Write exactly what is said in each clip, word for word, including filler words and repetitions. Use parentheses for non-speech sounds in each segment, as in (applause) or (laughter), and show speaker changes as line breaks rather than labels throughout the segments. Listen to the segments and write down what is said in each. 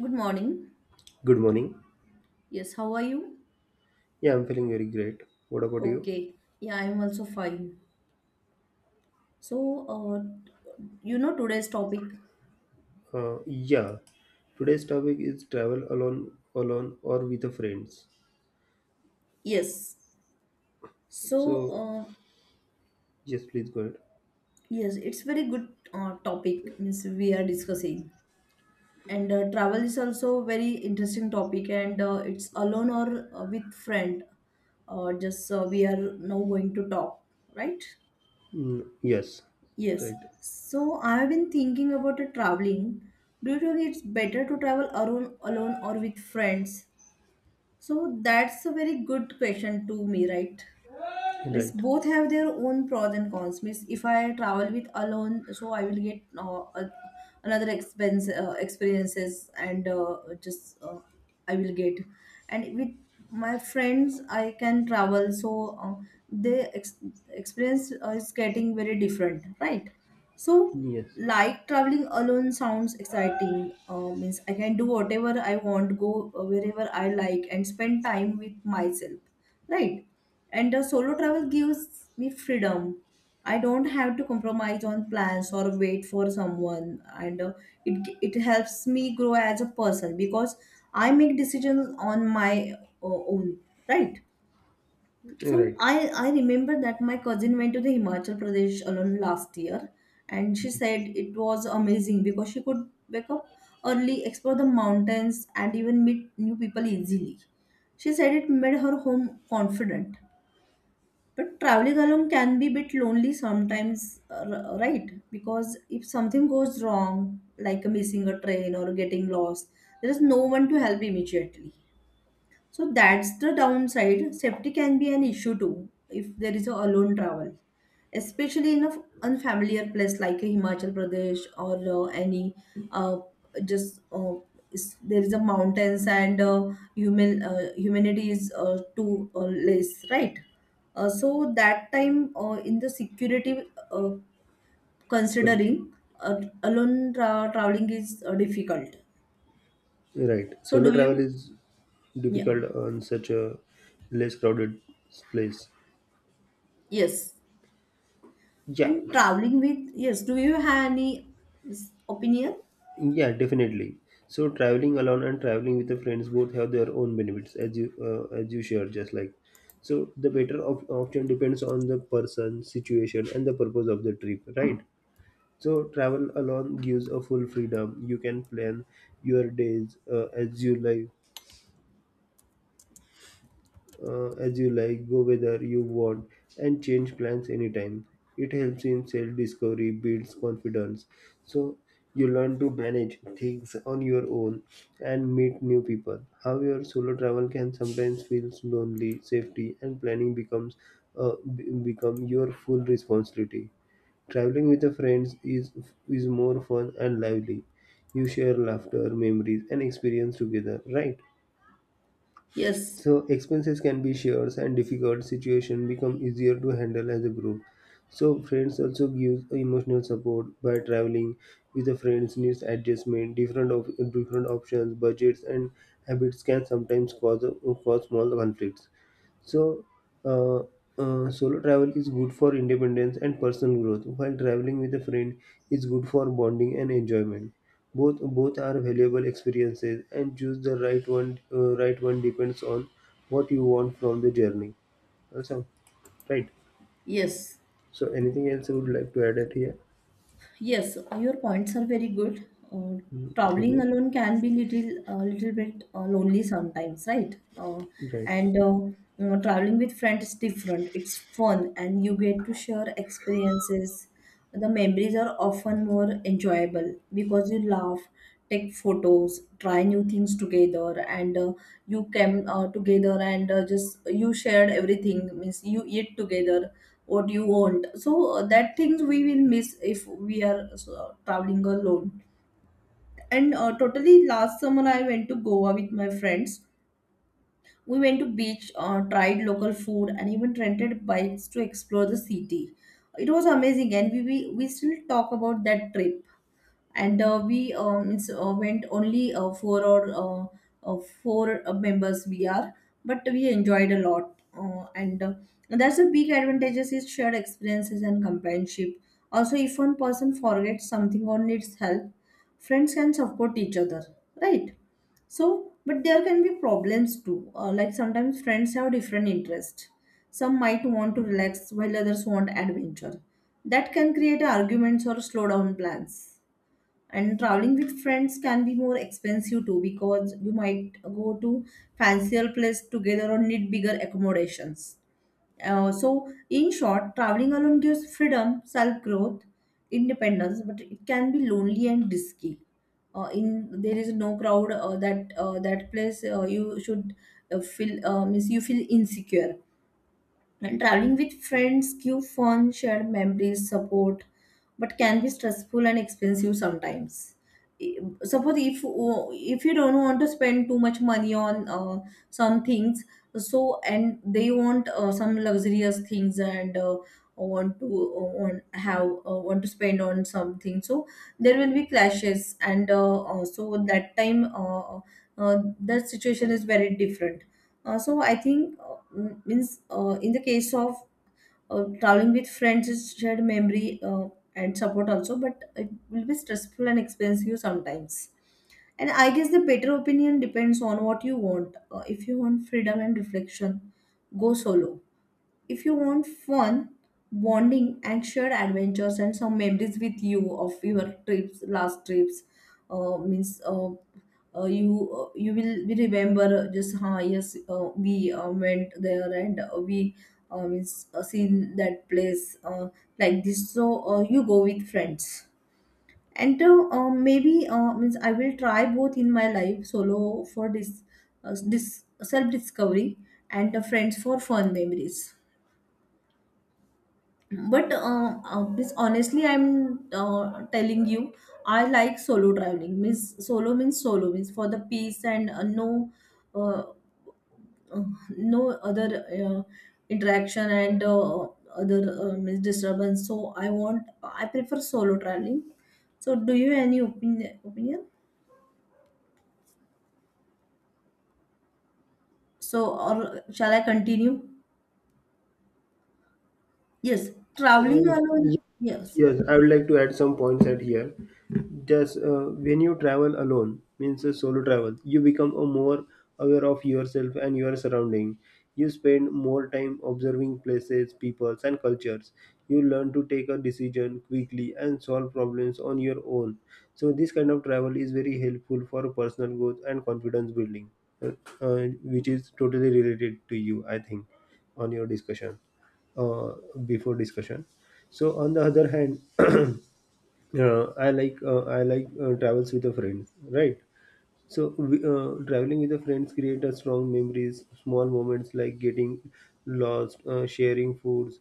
Good morning.
Good morning.
Yes, how are you?
Yeah, I'm feeling very great. What about you?
Okay. Yeah, I'm also fine. So, uh, you know today's topic?
Uh, yeah, Today's topic is travel alone, alone or with the friends.
Yes. So,
So,
uh,
yes, please go ahead.
yes, it's very good uh, topic means we are discussing. And uh, travel is also very interesting topic and uh, it's alone or uh, with friend. Uh, just uh, We are now going to talk, right?
Mm, yes,
Yes.
right,
So I've been thinking about a traveling. Do you think it's better to travel alone, alone or with friends? So that's a very good question to me, right? Means
right,
both have their own pros and cons. Means if I travel with alone, so I will get uh, a- another expense uh, experiences and uh, just uh, I will get. And with my friends I can travel, so uh, the ex- experience uh, is getting very different, right? So
yes,
like traveling alone sounds exciting. Uh, means I can do whatever I want, go uh, wherever I like and spend time with myself, right? And the solo travel gives me freedom. I don't have to compromise on plans or wait for someone, and uh, it it helps me grow as a person because I make decisions on my uh, own, right? So
right,
I I remember that my cousin went to the Himachal Pradesh alone last year, and she said it was amazing because she could wake up early, explore the mountains, and even meet new people easily. She said it made her home confident, but traveling alone can be a bit lonely sometimes, uh, r- right? Because if something goes wrong, like missing a train or getting lost, there is no one to help immediately. So that's the downside. Safety can be an issue too if there is a alone travel, especially in an unfamiliar place like a Himachal Pradesh or uh, any uh, just uh, is- there is a mountains and uh, human uh, humanity is uh, too uh, less, right? Uh, so that time uh, in the security, uh, considering uh, alone tra- traveling is uh, difficult.
right.
So
Solo
do
travel
you?
is
Yeah.
difficult on such a less crowded place.
Yes.
Yeah,
And traveling with, yes, do you have any s- opinion?
yeah, definitely. So traveling alone and traveling with the friends both have their own benefits, as you uh, as you shared, just like. So the better of option depends on the person, situation, and the purpose of the trip, right? So travel alone gives a full freedom. You can plan your days uh, as you like uh, as you like, go whether you want, and change plans anytime. It helps in self discovery, builds confidence. So, you learn to manage things on your own and meet new people. However, solo travel can sometimes feel lonely, safety, and planning becomes uh, be- become your full responsibility. Traveling with a friends is is more fun and lively. You share laughter, memories, and experience together, right?
Yes,
So expenses can be shared, and difficult situation become easier to handle as a group. So friends also gives emotional support by traveling with the friends needs adjustment, different of different options, budgets and habits can sometimes cause cause small conflicts. So, uh, uh, Solo travel is good for independence and personal growth, while traveling with a friend is good for bonding and enjoyment. Both both are valuable experiences, and choose the right one. Uh, right one depends on what you want from the journey. Awesome, right?
yes,
So, anything else you would like to add at here?
yes. Your points are very good. Uh,
Mm, thank
Traveling
you.
alone can be little, a little bit uh, lonely sometimes, right? Uh,
Right.
and uh, You know, traveling with friends is different. It's fun, and you get to share experiences. The memories are often more enjoyable because you laugh, take photos, try new things together. And uh, you came uh, together and uh, just you shared everything. Means you eat together what you want. So uh, that things we will miss if we are uh, so, traveling alone. And uh, totally, last summer I went to Goa with my friends. We went to beach, uh, tried local food, and even rented bikes to explore the city. It was amazing, and we, we we still talk about that trip. And uh, we um, it's, uh, went only uh, four or uh, uh, four uh, members we are, but we enjoyed a lot. Uh, and uh, That's the big advantages is shared experiences and companionship. Also, if one person forgets something or needs help, friends can support each other, right? So but there can be problems too, uh, like sometimes friends have different interests. Some might want to relax while others want adventure. That can create arguments or slow down plans. And traveling with friends can be more expensive too, because you might go to fancier place together or need bigger accommodations. Uh, so in short, traveling alone gives freedom, self growth, independence, but it can be lonely and risky. Uh, in there is no crowd, uh, that uh, that place, uh, you should uh, feel uh, means you feel insecure. And traveling with friends give fun, shared memories, support, but can be stressful and expensive sometimes. I- Suppose if if you don't want to spend too much money on uh, some things, so, and they want uh, some luxurious things and uh, want to uh, want have uh, want to spend on something, so there will be clashes, and uh, uh, so that time, uh, uh, that situation is very different. Uh, so I think, uh, m- means uh, in the case of uh, traveling with friends is shared memory uh, and support also, but it will be stressful and expensive sometimes. And I guess the better opinion depends on what you want. Uh, if you want freedom and reflection, go solo. If you want fun, bonding, and shared adventures, and some memories with you of your trips, last trips, uh, means uh, uh, you uh, you will be remember just huh, yes, uh, we uh, went there, and uh, we uh, means uh, seen that place, uh, like this. So uh, you go with friends. And uh, uh, maybe uh, means I will try both in my life, solo for this uh, this self discovery, and uh, friends for fun memories. But uh, uh, this, honestly, I'm uh, telling you, I like solo traveling. Means solo means solo means for the peace and uh, no uh, uh, no other uh, interaction and uh, other uh, means disturbance. So I want, I prefer solo traveling. So do you have any opinion opinion? So, or shall I continue? Yes, traveling
Uh,
alone, yes,
Yes, I would like to add some points at here. Just uh, When you travel alone, means a solo travel, you become a more aware of yourself and your surrounding. You spend more time observing places, peoples, and cultures. You learn to take a decision quickly and solve problems on your own. So this kind of travel is very helpful for personal growth and confidence building, uh, uh, which is totally related to you, I think, on your discussion uh, before discussion. So on the other hand, (clears throat) uh, I like uh, I like uh, travels with a friend, right? So we, uh, traveling with the friends create a strong memories, small moments like getting lost, uh, sharing foods,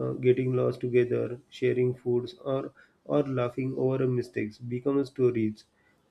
uh, getting lost together, sharing foods, or or laughing over a mistakes become stories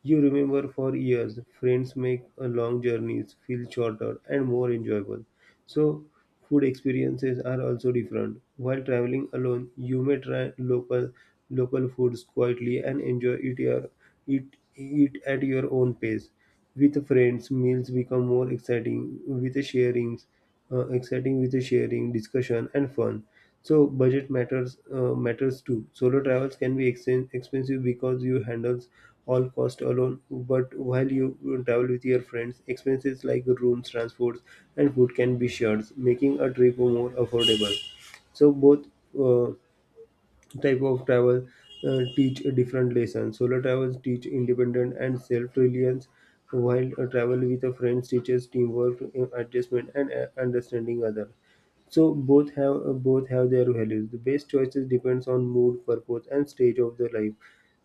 you remember for years. Friends make uh, long journeys feel shorter and more enjoyable. So food experiences are also different. While traveling alone, you may try local local foods quietly and enjoy it your it eat at your own pace. With friends, meals become more exciting with the sharings uh, exciting with the sharing, discussion, and fun. So budget matters uh, matters too. Solo travels can be exen- expensive because you handles all cost alone. But while you travel with your friends, expenses like rooms, transports, and food can be shared, making a trip more affordable. So both. Uh, Type of travel uh, teach a different lesson. Solo travels teach independence and self-reliance, while a travel with a friend teaches teamwork, uh, adjustment, and uh, understanding other. So both have uh, both have their values. The best choices depends on mood, purpose, and stage of the life.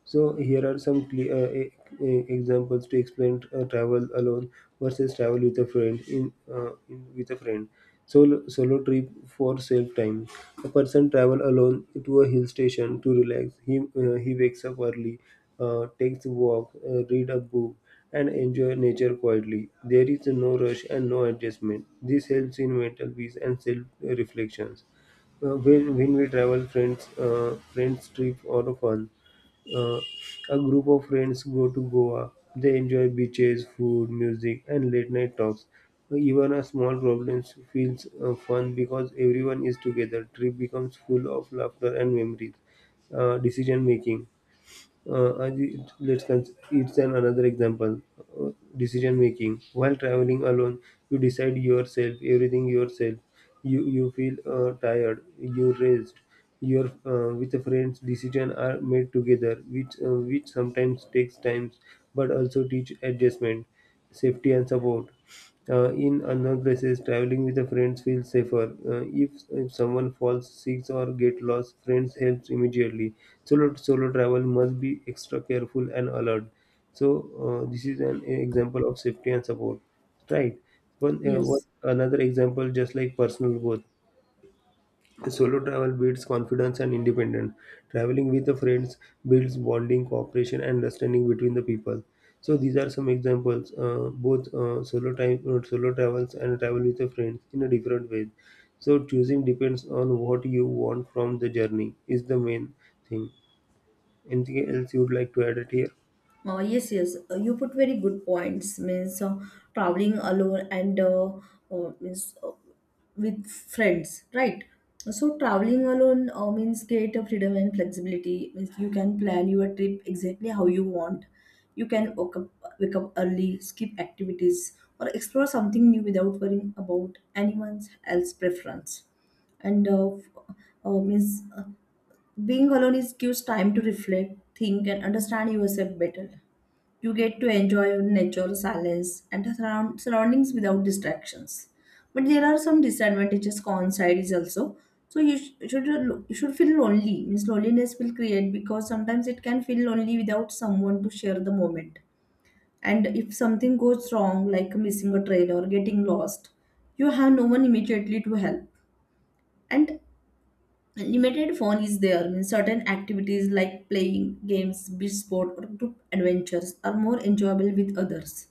So here are some cle- uh, e- e- examples to explain uh, travel alone versus travel with a friend. In, uh, in with a friend, solo solo trip for self time. A person travel alone to a hill station to relax. He uh, he wakes up early, uh, takes a walk, uh, read a book, and enjoy nature quietly. There is no rush and no adjustment. This helps in mental peace and self reflections. Uh, when when we travel, friends uh, friends trip or fun. Uh, a group of friends go to Goa. They enjoy beaches, food, music, and late night talks. Even a small problem feels uh, fun because everyone is together. Trip becomes full of laughter and memories. Uh, decision making. Uh, and it- let's cons- It's an another example. Uh, Decision making while traveling alone, you decide yourself, everything yourself. You you feel uh, tired, you rest. Your uh, with the friends, decision are made together, which uh, which sometimes takes times, but also teach adjustment safety and support. Uh, in unknown places, traveling with a friend feels safer. Uh, if, if someone falls sick or get lost, friends helps immediately. Solo solo travel must be extra careful and alert. So uh, this is an example of safety and support, right? One, uh, one
yes.
another example, just like personal growth. Solo travel builds confidence and independence. Traveling with the friends builds bonding, cooperation, and understanding between the people. So these are some examples. Uh, both uh, solo time, uh, solo travels, and travel with the friends in a different way. So choosing depends on what you want from the journey. Is the main thing. Anything else you would like to add it here?
Uh, yes, yes. Uh, you put very good points. Means uh, traveling alone, and uh, uh, means uh, with friends, right? So traveling alone uh, means create a freedom and flexibility. Means you can plan your trip exactly how you want. You can wake up, wake up early, skip activities, or explore something new without worrying about anyone else's preference. And uh, f- uh, means uh, being alone is gives time to reflect, think, and understand yourself better. You get to enjoy nature, silence, and the surround- surroundings without distractions. But there are some disadvantages, cons is also. So you sh- should you should feel lonely. Means loneliness will create because sometimes it can feel lonely without someone to share the moment. And if something goes wrong, like missing a train or getting lost, you have no one immediately to help. And limited phone is there. Means certain activities like playing games, beach sport, or group adventures are more enjoyable with others,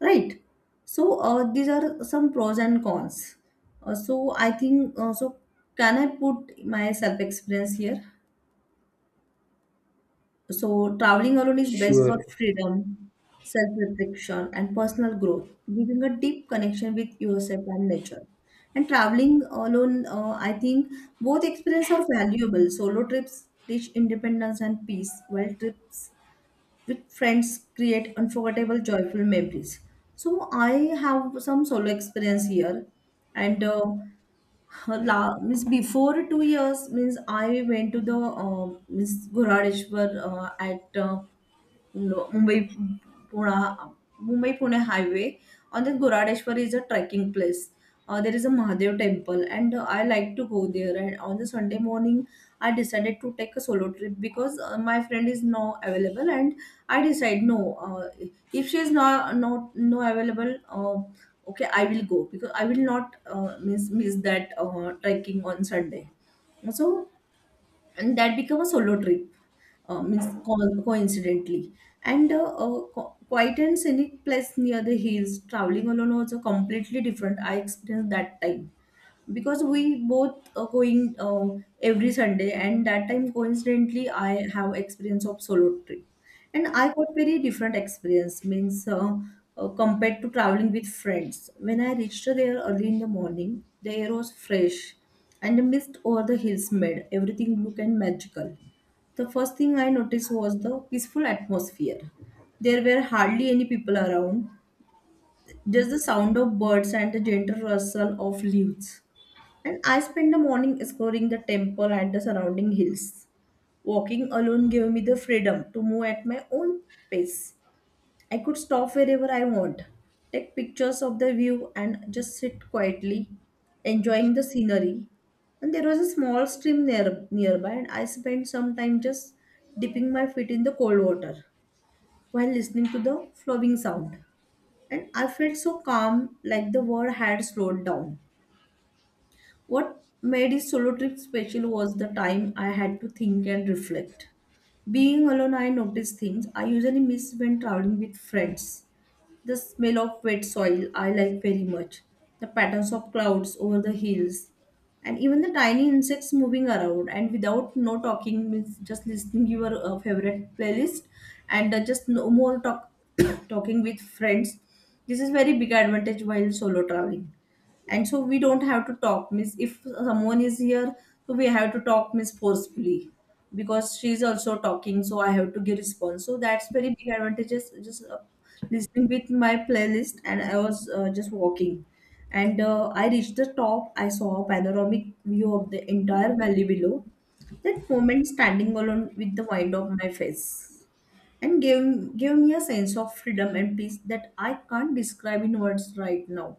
right? So uh, these are some pros and cons. Uh, so I think, uh, so can I put my self experience here? So, traveling alone is best for
Sure.
freedom, self reflection, and personal growth, giving a deep connection with yourself and nature. And traveling alone, uh, I think both experiences are valuable. Solo trips teach independence and peace, while trips with friends create unforgettable joyful memories. So I have some solo experience here. And uh, la, means before two years, means I went to the uh, means Ghuradeshwar, uh, at uh, no- Mumbai, Pune, mumbai pune highway. On the Ghuradeshwar is a trekking place. Uh, there is a Mahadev temple, and uh, I like to go there. And on the Sunday morning, I decided to take a solo trip because uh, my friend is now available. And I decide no. Uh, if she is not not no available, uh, okay, I will go, because I will not uh, miss miss that uh, trekking on Sunday. So and that become a solo trip, uh, means co- coincidentally. And uh, uh, qu- quiet and scenic place near the hills, traveling alone was a completely different. I experienced that time because we both are going uh, every Sunday, and that time coincidentally I have experience of solo trip. And I got very different experience. Means uh, uh, compared to traveling with friends, when I reached there early in the morning, the air was fresh and the mist over the hills made everything look and magical. The first thing I noticed was the peaceful atmosphere. There were hardly any people around, just the sound of birds and the gentle rustle of leaves. And I spent the morning exploring the temple and the surrounding hills. Walking alone gave me the freedom to move at my own pace. I could stop wherever I want, take pictures of the view, and just sit quietly, enjoying the scenery. And there was a small stream near, nearby, and I spent some time just dipping my feet in the cold water while listening to the flowing sound. And I felt so calm, like the world had slowed down. What made his solo trip special was the time I had to think and reflect. Being alone, I noticed things I usually miss when traveling with friends. The smell of wet soil I like very much, the patterns of clouds over the hills, and even the tiny insects moving around. And without no talking, means just listening your uh, favorite playlist, and uh, just no more talk, (coughs) talking with friends. This is very big advantage while solo traveling, and so we don't have to talk means if someone is here, so we have to talk means forcefully because she is also talking, so I have to give response. So that's very big advantages, just uh, listening with my playlist. And I was uh, just walking, and uh, I reached the top. I saw a panoramic view of the entire valley below. That moment, standing alone with the wind of my face, and gave, gave me a sense of freedom and peace that I can't describe in words right now.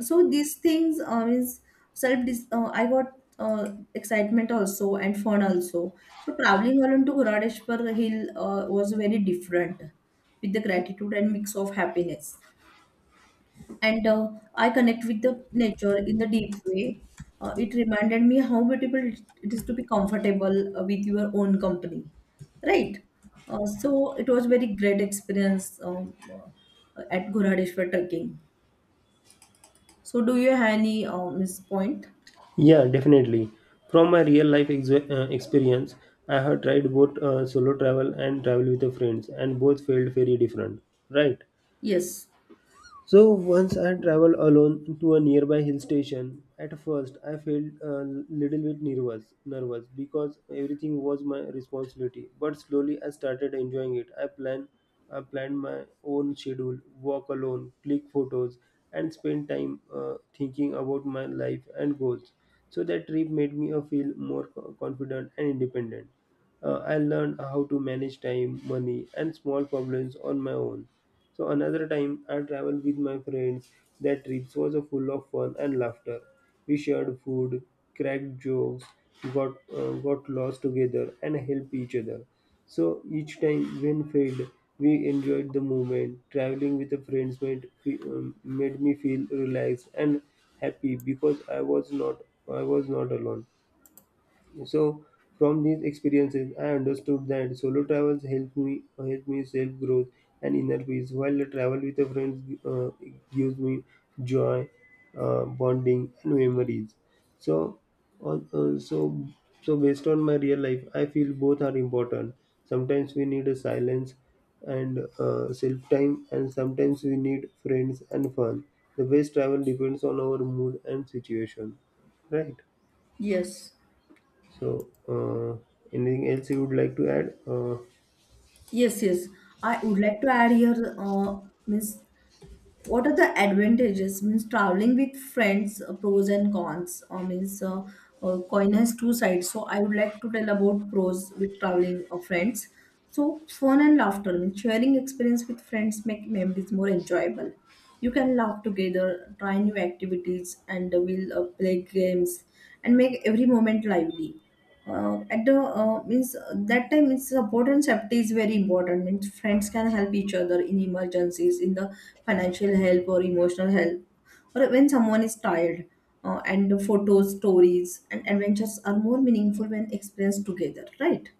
So these things um, is self dis- uh, I got uh, excitement also and fun also. So traveling alone to Goradeshwar hill uh, was very different, with the gratitude and mix of happiness. And uh, I connect with the nature in the deep way. Uh, it reminded me how beautiful it it is to be comfortable uh, with your own company, right? Uh, so it was very great experience um, uh, at Goradeshwar trekking. So do you have any um, point?
Yeah, definitely. From my real life ex- uh, experience, I have tried both uh, solo travel and travel with the friends, and both felt very different. Right?
Yes,
So once I traveled alone to a nearby hill station. At first, I felt a little bit nervous, nervous because everything was my responsibility. But slowly, I started enjoying it. I planned, I planned my own schedule, walk alone, click photos, and spend time uh, thinking about my life and goals. So that trip made me uh, feel more co- confident and independent. Uh, I learned how to manage time, money, and small problems on my own so another time I traveled with my friends. That trip was full of fun and laughter. We shared food, cracked jokes, got uh, got lost together, and helped each other. So each time when failed, we enjoyed the moment. Traveling with the friends made fe- um, made me feel relaxed and happy because I was not I was not alone. So from these experiences, I understood that solo travels help me help me self growth and inner peace, while the travel with the friends uh, gives me joy, uh, bonding, and memories. So, on- uh, so so based on my real life, I feel both are important. Sometimes we need a silence and uh, self time, and sometimes we need friends and fun. The best travel depends on our mood and situation, right?
yes,
So, uh, anything else you would like to add? Uh,
yes, yes. I would like to add here, uh, means what are the advantages? Means traveling with friends, uh, pros and cons. Or means uh, uh, coin has two sides. So I would like to tell about pros with traveling of friends. So fun and laughter. Means sharing experience with friends make memories more enjoyable. You can laugh together, try new activities, and uh, we'll uh, play games and make every moment lively. Uh, at the uh, means uh, that time, it's important. Safety is very important. Means friends can help each other in emergencies, in the financial help or emotional help or when someone is tired. Uh, and the photos, stories, and adventures are more meaningful when experienced together, right?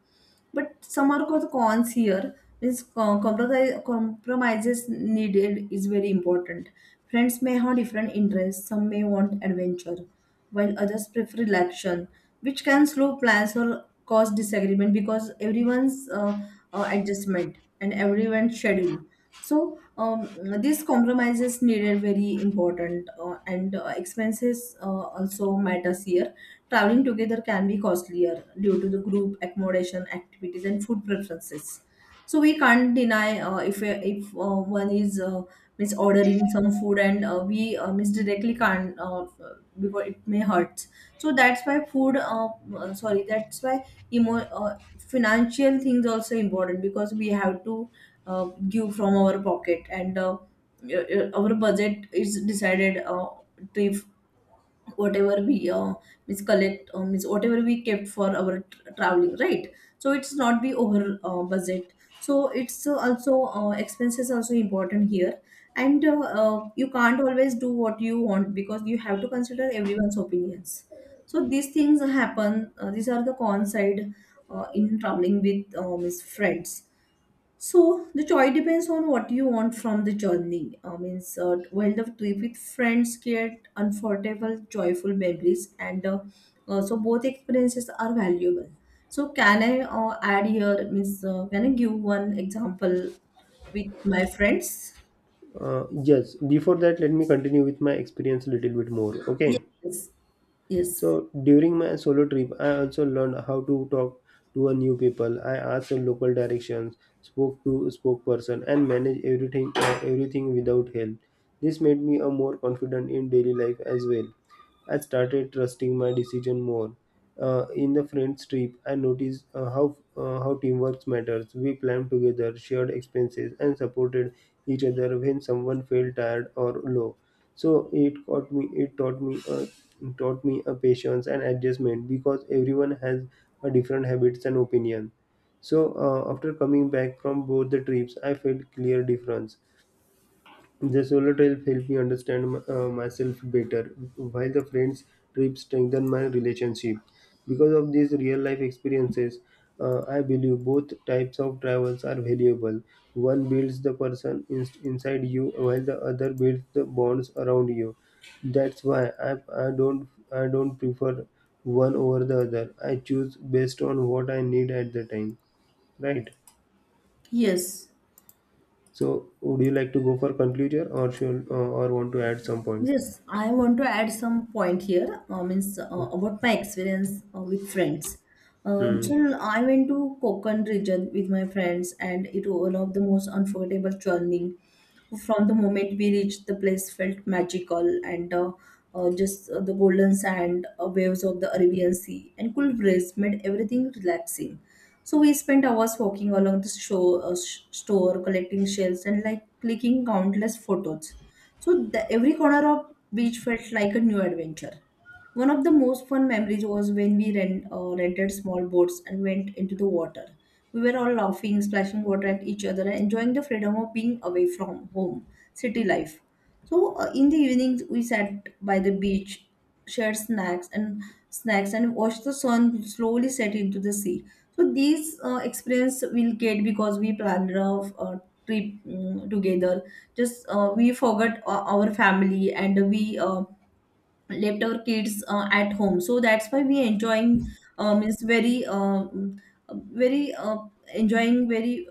But some are called cons here. This com- compromise, compromises needed is very important. Friends may have different interests. Some may want adventure, while others prefer relaxation, which can slow plans or cause disagreement because everyone's uh, uh, adjustment and everyone's schedule. So um, these compromises needed very important, uh, and uh, expenses uh, also matters here. Traveling together can be costlier due to the group accommodation, activities, and food preferences. So we can't deny uh, if uh, if uh, one is uh, miss ordering some food, and uh, we uh, miss directly can't uh, because it may hurt. So that's why food. Uh, uh, sorry, that's why emo uh, financial things also important, because we have to uh, give from our pocket, and uh, uh, uh, our budget is decided uh, trip, whatever we uh, means collect uh, means whatever we kept for our tr traveling, right? So it's not be over uh, budget. So it's uh, also uh, expenses also important here. And uh, uh, you can't always do what you want because you have to consider everyone's opinions. So these things happen. Uh, these are the con side uh, in traveling with uh, means friends. So the choice depends on what you want from the journey. I mean, uh, while the trip with friends create unforgettable, joyful memories, and uh, uh, so both experiences are valuable. So can I uh, add here? Means uh, can I give one example with my friends?
uh, yes, before that, let me continue with my experience a little bit more. Okay.
Yes, yes,
So during my solo trip, I also learned how to talk to a new people. I asked some local directions, spoke to a spokesperson, and managed everything uh, everything without help. This made me a more confident in daily life as well. I started trusting my decision more. Uh, in the friends trip, I noticed uh, how uh, how teamwork matters. We planned together, shared expenses, and supported each other when someone felt tired or low, so it taught me it taught me uh, taught me a patience and adjustment because everyone has a different habits and opinion. So uh, after coming back from both the trips I felt clear difference. The solo trip helped me understand my- uh, myself better, while the friends trip strengthened my relationship. Because of these real life experiences, uh, I believe both types of travels are valuable. One builds the person in- inside you, while the other builds the bonds around you. That's why I, I don't I don't prefer one over the other. I choose based on what I need at the time. Right.
yes.
So, would you like to go for conclusion, or should, uh, or want to add some point?
Yes, I want to add some point here, uh, means uh, about my experience uh, with friends. Uh,
Hmm.
so I went to Konkan region with my friends, and it was one of the most unforgettable journey. From the moment we reached, the place felt magical, and uh, uh, just uh, the golden sand, uh, waves of the Arabian Sea, and cool breeze made everything relaxing. So we spent hours walking along the show, uh, sh- store, collecting shells and like clicking countless photos. So the, every corner of beach felt like a new adventure. One of the most fun memories was when we rent, uh, rented small boats and went into the water. We were all laughing, splashing water at each other, and enjoying the freedom of being away from home, city life. So, uh, in the evenings, we sat by the beach, shared snacks and snacks and watch the sun slowly set into the sea. So these uh, experience we'll get because we planned a, a trip mm, together. Just uh, we forgot uh, our family, and we uh, left our kids uh, at home. So that's why we enjoying um, is very uh, mm, very uh, enjoying very,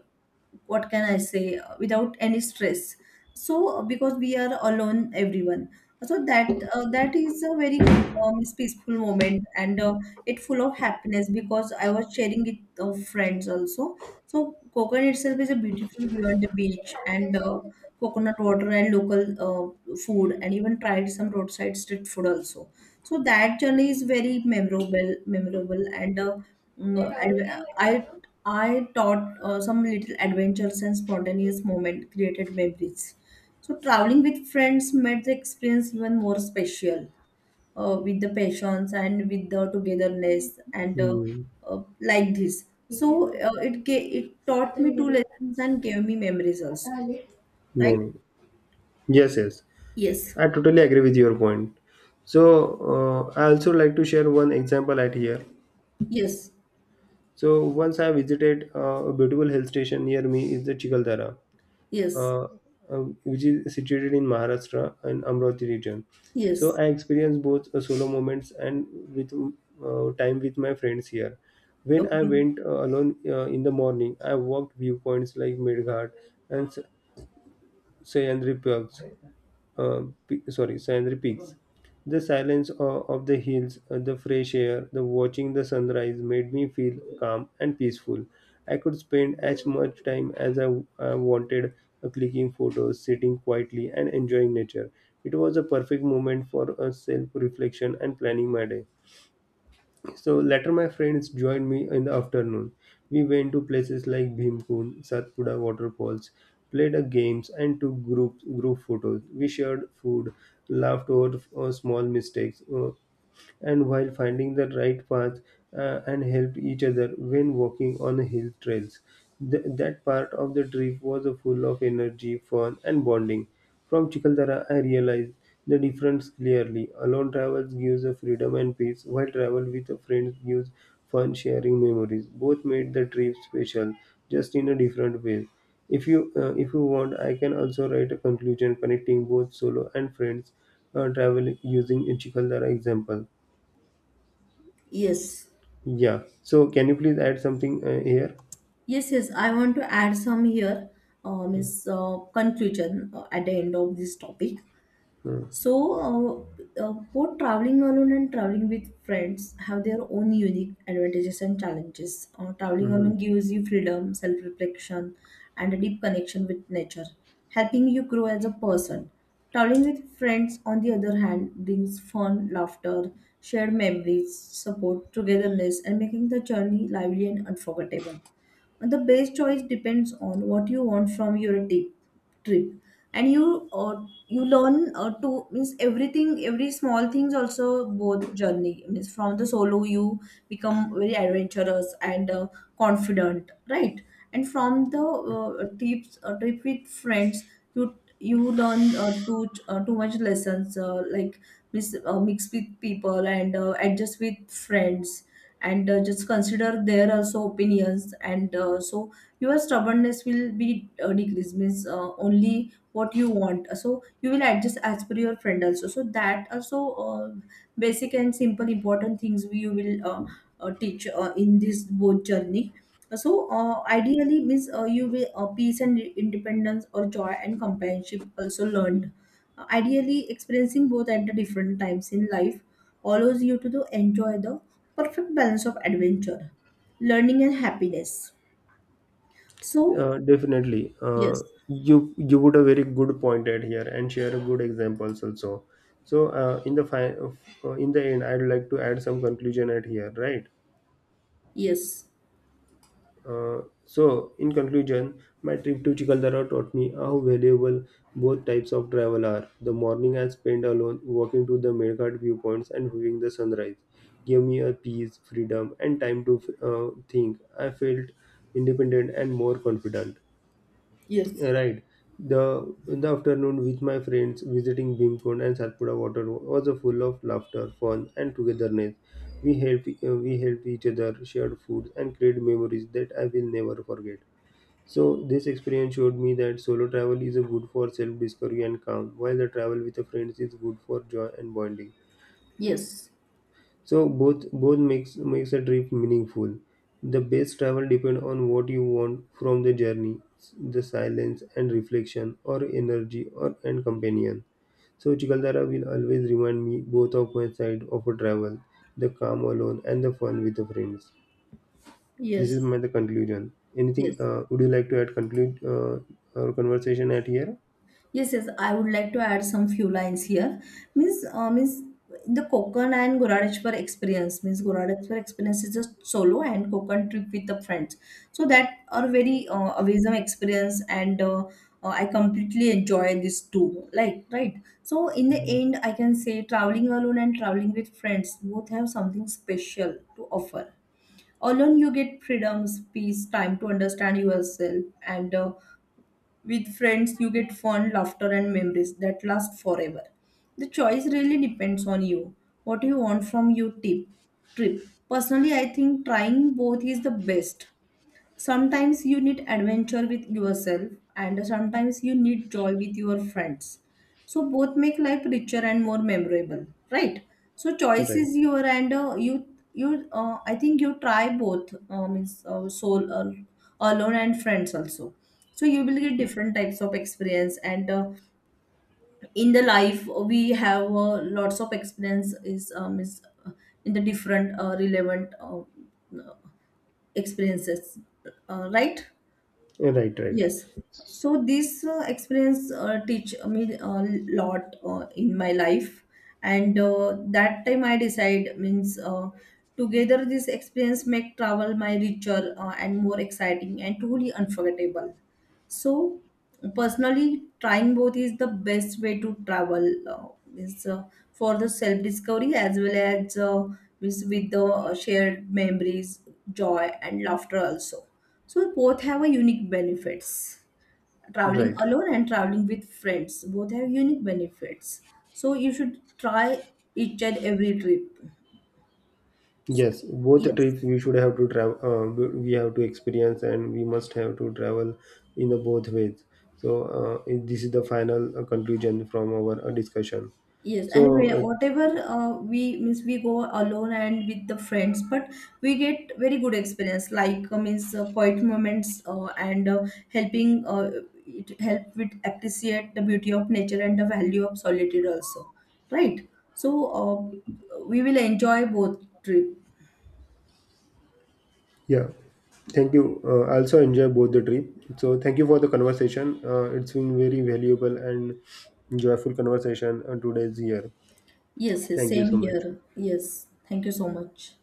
what can I say, uh, without any stress. So uh, because we are alone, everyone. So that uh, that is a very good um, peaceful moment, and uh, it full of happiness because I was sharing it uh, friends also. So coconut itself is a beautiful view on the beach, and uh, coconut water and local uh, food, and even tried some roadside street food also. So that journey is very memorable memorable and uh, mm, and uh, i I taught uh, some little adventures and spontaneous moment created memories. So traveling with friends made the experience even more special, uh, with the passions and with the togetherness and uh,
Hmm.
uh, like this. So uh, it ga- it taught me two lessons and gave me memories also,
No,
right?
no. Yes, yes.
Yes,
I totally agree with your point. So, uh, I also like to share one example at here.
yes,
So, once I visited uh, a beautiful hill station near me is the Chikaldara,
yes,
uh, uh, which is situated in Maharashtra and Amravati region. So,
yes.
I experienced both uh, solo moments and with uh, time with my friends here. When I
Okay.
went uh, alone uh, in the morning, I walked viewpoints like Midghat and S- Sahyadri Peaks, uh, pe- sorry, scenery peaks. The silence o- of the hills, uh, the fresh air, the watching the sunrise made me feel calm and peaceful. I could spend as much time as I I wanted uh, clicking photos, sitting quietly, and enjoying nature. It was a perfect moment for a self reflection and planning my day. So later, my friends joined me in the afternoon. We went to places like Bhimkund, Satpura waterfalls, played a games, and took group group photos. We shared food, laughed over uh, small mistakes. Uh, and while finding the right path uh, and helped each other when walking on hill trails. Th- that part of the trip was uh, full of energy, fun, and bonding. From Chikaldara, I realized the difference clearly. Alone travels gives a freedom and peace, while travel with a friend gives fun, sharing memories. Both made the trip special, just in a different way. If you uh, if you want, I can also write a conclusion connecting both solo and friends uh, travel using a Chikaldara example.
Yes,
Yeah. So can you please add something uh, here?
yes, yes. I want to add some here, um, is uh, conclusion uh, at the end of this topic.
Hmm.
So, uh, uh, both traveling alone and traveling with friends have their own unique advantages and challenges. Uh, traveling
Mhm.
alone gives you freedom, self reflection, and a deep connection with nature, helping you grow as a person. Traveling with friends, on the other hand, brings fun, laughter, shared memories, support, togetherness, and making the journey lively and unforgettable. And the best choice depends on what you want from your trip trip. And you uh, you learn uh, to means everything, every small things also, both journey means from the solo you become very adventurous and uh, confident, right? And from the uh, trips uh, trip with friends, you you learn uh, too uh, too much lessons uh, like mis- uh, mix with people, and uh, adjust with friends, and uh, just consider their also opinions, and uh, so your stubbornness will be uh, decreased. Means uh, only what you want, so you will adjust as per your friend also. So that also uh, basic and simple important things we you will uh, uh, teach uh, in this both journey. So uh, ideally means uh, you will uh, peace and independence or joy and companionship also learned. Uh, ideally experiencing both at the different times in life allows you to, to enjoy the perfect balance of adventure, learning, and happiness. So
Uh, definitely. Uh,
yes,
you you would a very good point at here and share a good examples also. So uh, in the fi- uh, in the end, I'd like to add some conclusion at here, right?
yes,
Uh, so, in conclusion, my trip to Chikaldara taught me how valuable both types of travel are. The morning I spent alone walking to the Melghat viewpoints and viewing the sunrise gave me a peace, freedom, and time to uh, think. I felt independent and more confident.
yes,
Right. The in the afternoon with my friends visiting Bhimkund and Satpura water was a full of laughter, fun, and togetherness. We help uh, we help each other, shared food, and create memories that I will never forget. So this experience showed me that solo travel is a good for self discovery and calm, while the travel with the friends is good for joy and bonding.
yes,
So both both makes makes a trip meaningful. The best travel depend on what you want from the journey, the silence and reflection, or energy, or and companion. So Chikaldara will always remind me both of my side of a travel, the calm alone and the fun with the friends. This is
yes,
my the conclusion. Anything
yes,
uh, would you like to add? Conclude uh, our conversation at here.
yes, yes. I would like to add some few lines here. Means, uh, means the Konkan and Goradeshwar experience. Means Goradeshwar experience is just solo and Konkan trip with the friends. So that are very uh, amazing experience, and uh, uh, I completely enjoy this too. Like, right. So in the end, I can say traveling alone and traveling with friends both have something special to offer. Alone, you get freedoms, peace, time to understand yourself, and uh, with friends you get fun, laughter, and memories that last forever. The choice really depends on you, what you want from your tip trip. Personally, I think trying both is the best. Sometimes you need adventure with yourself, and sometimes you need joy with your friends. So both make life richer and more memorable, right? So choice
Right,
is your, and uh, you you uh, I think you try both uh, means uh, soul uh, alone and friends also. So you will get different types of experience, and uh, in the life we have uh, lots of experience is um, is uh, in the different uh, relevant uh, experiences, uh, right?
right, right, right,
Yes. So this uh, experience uh, teach me a lot uh, in my life, and uh, that time I decide means uh, together this experience make travel my richer uh, and more exciting and truly unforgettable. So, personally, trying both is the best way to travel. Uh, means uh, for the self discovery as well as uh, means with the uh, shared memories, joy, and laughter also. So both have a unique benefits. Traveling
right.
alone and traveling with friends both have unique benefits. So you should try each and every trip.
Yes, both the
Yes.
trips we should have to travel. Uh, we we have to experience, and we must have to travel in the both ways. So uh, this is the final uh, conclusion from our uh, discussion.
Yes, anyway,
So uh,
whatever uh, we means we go alone and with the friends, but we get very good experience. Like uh, means uh, quiet moments, uh, and uh, helping uh, it help with appreciate the beauty of nature and the value of solitude also, right? So uh, we will enjoy both trip.
yeah, thank you. Uh, I also enjoy both the trip. So thank you for the conversation. Uh, it's been very valuable and joyful conversation uh, today's year.
Yes, yes,
Thank you
same
so much.
here. Yes, thank you so much.